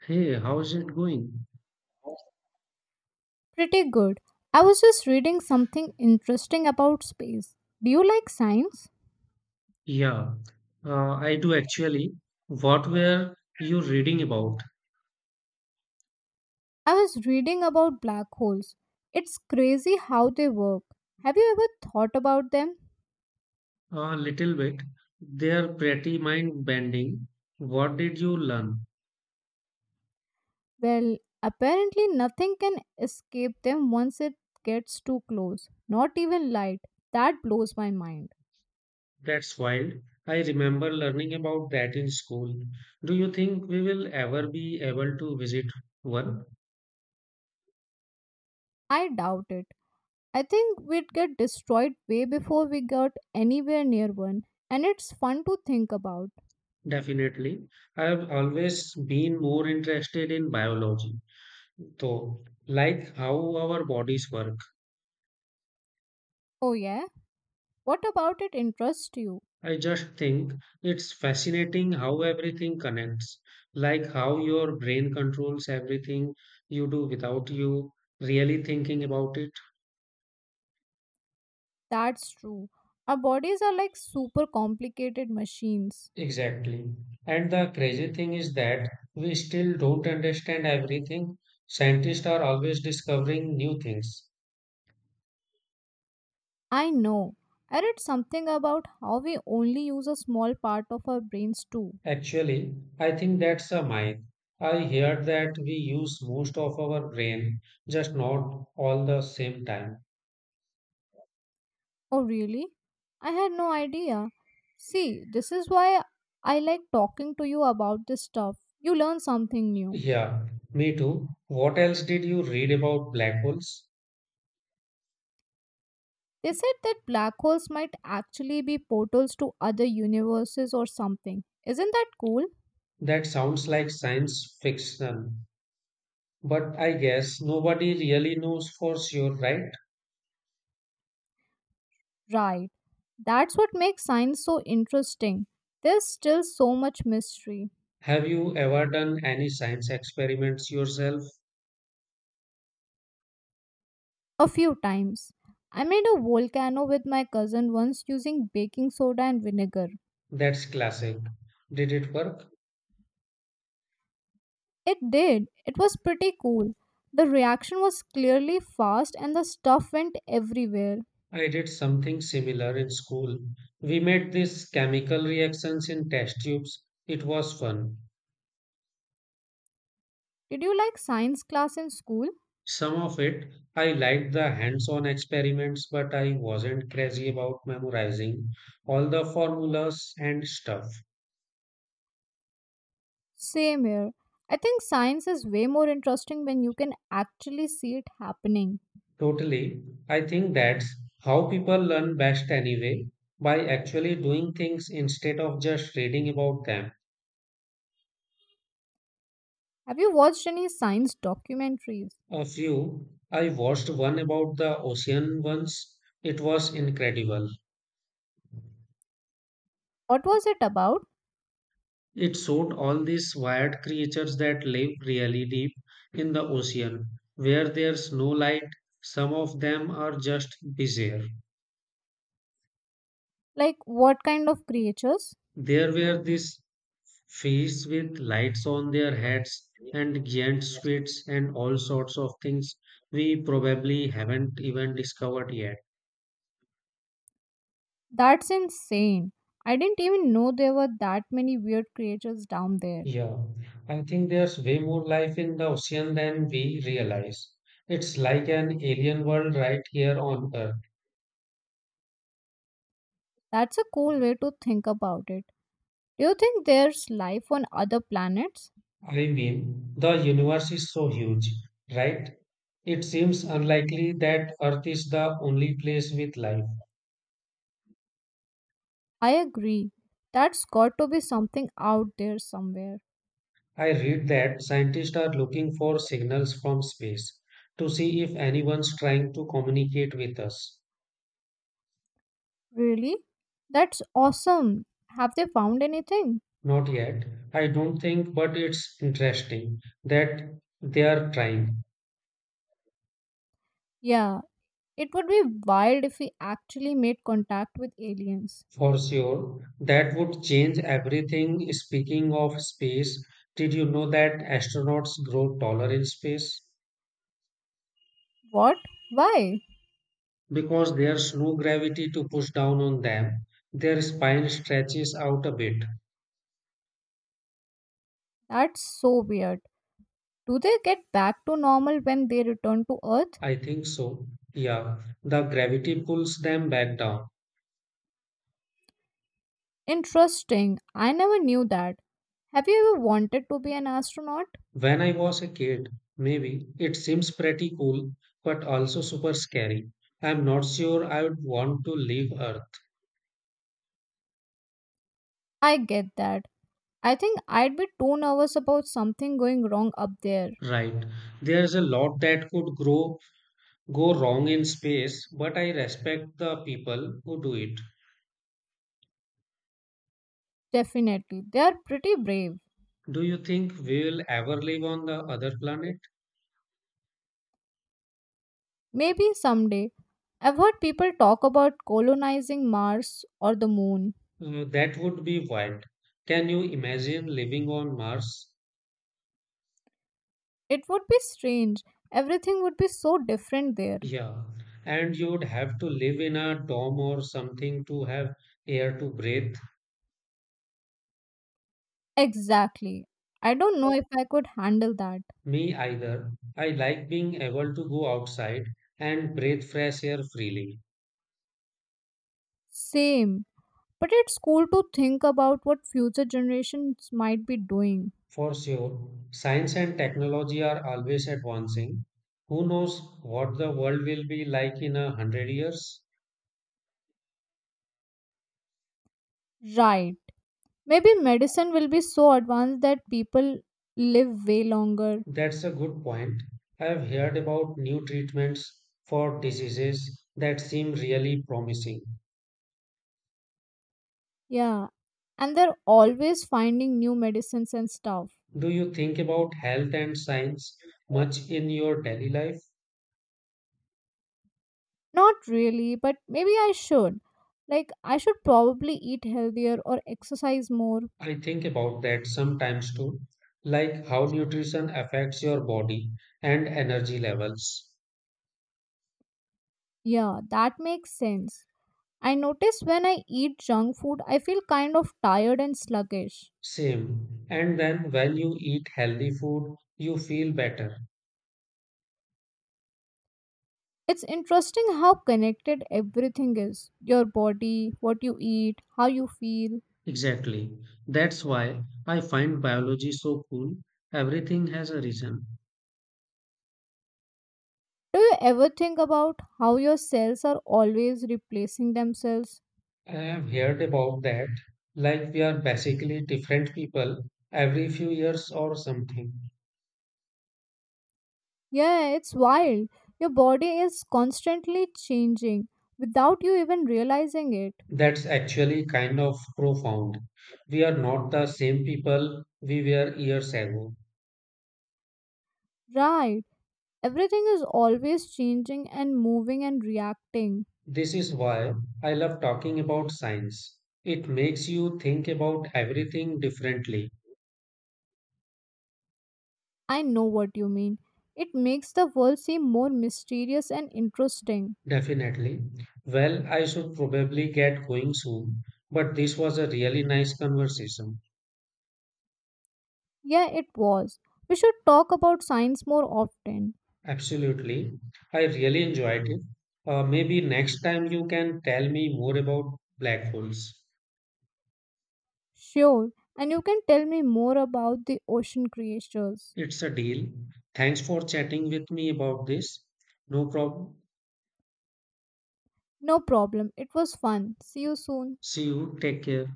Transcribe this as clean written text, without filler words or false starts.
Hey, how's it going? Pretty good. I was just reading something interesting about space. Do you like science? Yeah, I do actually. What were you reading about? I was reading about black holes. It's crazy how they work. Have you ever thought about them? A little bit. They're pretty mind-bending. What did you learn? Well, apparently nothing can escape them once it gets too close. Not even light. That blows my mind. That's wild. I remember learning about that in school. Do you think we will ever be able to visit one? I doubt it. I think we'd get destroyed way before we got anywhere near one. And it's fun to think about. Definitely. I've always been more interested in biology, though, like how our bodies work. Oh, yeah? What about it interests you? I just think it's fascinating how everything connects, like how your brain controls everything you do without you really thinking about it. That's true. Our bodies are like super complicated machines. Exactly. And the crazy thing is that we still don't understand everything. Scientists are always discovering new things. I know. I read something about how we only use a small part of our brains too. Actually, I think that's a myth. I heard that we use most of our brain, just not all the same time. Oh, really? I had no idea. See, this is why I like talking to you about this stuff. You learn something new. Yeah, me too. What else did you read about black holes? They said that black holes might actually be portals to other universes or something. Isn't that cool? That sounds like science fiction, but I guess nobody really knows for sure, right? Right. That's what makes science so interesting. There's still so much mystery. Have you ever done any science experiments yourself? A few times. I made a volcano with my cousin once using baking soda and vinegar. That's classic. Did it work? It did. It was pretty cool. The reaction was clearly fast and the stuff went everywhere. I did something similar in school. We made these chemical reactions in test tubes. It was fun. Did you like science class in school? Some of it, I liked the hands on experiments, but I wasn't crazy about memorizing all the formulas and stuff. Same here. I think science is way more interesting when you can actually see it happening. Totally. I think that's how people learn best anyway, by actually doing things instead of just reading about them. Have you watched any science documentaries? A few. I watched one about the ocean once. It was incredible. What was it about? It showed all these wired creatures that live really deep in the ocean, where there's no light. Some of them are just bizarre. Like, what kind of creatures? There were these fish with lights on their heads, and giant squids, and all sorts of things we probably haven't even discovered yet. That's insane. I didn't even know there were that many weird creatures down there. Yeah, I think there's way more life in the ocean than we realize. It's like an alien world right here on Earth. That's a cool way to think about it. Do you think there's life on other planets? I mean, the universe is so huge, right? It seems unlikely that Earth is the only place with life. I agree. That's got to be something out there somewhere. I read that scientists are looking for signals from space to see if anyone's trying to communicate with us. Really? That's awesome. Have they found anything? Not yet, I don't think, but it's interesting that they are trying. Yeah, it would be wild if we actually made contact with aliens. For sure, that would change everything. Speaking of space, did you know that astronauts grow taller in space? What? Why? Because there's no gravity to push down on them, their spine stretches out a bit. That's so weird. Do they get back to normal when they return to Earth? I think so. Yeah, the gravity pulls them back down. Interesting. I never knew that. Have you ever wanted to be an astronaut? When I was a kid, maybe, it seems pretty cool, but also super scary. I'm not sure I would want to leave Earth. I get that. I think I'd be too nervous about something going wrong up there. Right. There's a lot that could grow go wrong in space, but I respect the people who do it. Definitely. They are pretty brave. Do you think we'll ever live on the other planet? Maybe someday. I've heard people talk about colonizing Mars or the moon. That would be wild. Can you imagine living on Mars? It would be strange. Everything would be so different there. Yeah, and you'd have to live in a dome or something to have air to breathe. Exactly. I don't know if I could handle that. Me either. I like being able to go outside and breathe fresh air freely. Same. But it's cool to think about what future generations might be doing. For sure, science and technology are always advancing. Who knows what the world will be like in 100 years? Right. Maybe medicine will be so advanced that people live way longer. That's a good point. I've heard about new treatments for diseases that seem really promising. Yeah. And they're always finding new medicines and stuff. Do you think about health and science much in your daily life? Not really, but maybe I should. Like, I should probably eat healthier or exercise more. I think about that sometimes too, like how nutrition affects your body and energy levels. Yeah, that makes sense. I notice when I eat junk food, I feel kind of tired and sluggish. Same. And then when you eat healthy food, you feel better. It's interesting how connected everything is your body, what you eat, how you feel. Exactly. That's why I find biology so cool. Everything has a reason. Do you ever think about how your cells are always replacing themselves? I have heard about that. Like we are basically different people every few years or something. Yeah, it's wild. Your body is constantly changing without you even realizing it. That's actually kind of profound. We are not the same people we were years ago. Right. Everything is always changing and moving and reacting. This is why I love talking about science. It makes you think about everything differently. I know what you mean. It makes the world seem more mysterious and interesting. Definitely. Well, I should probably get going soon, but this was a really nice conversation. Yeah, it was. We should talk about science more often. Absolutely. I really enjoyed it. Maybe next time you can tell me more about black holes. Sure. And you can tell me more about the ocean creatures. It's a deal. Thanks for chatting with me about this. No problem. No problem. It was fun. See you soon. See you. Take care.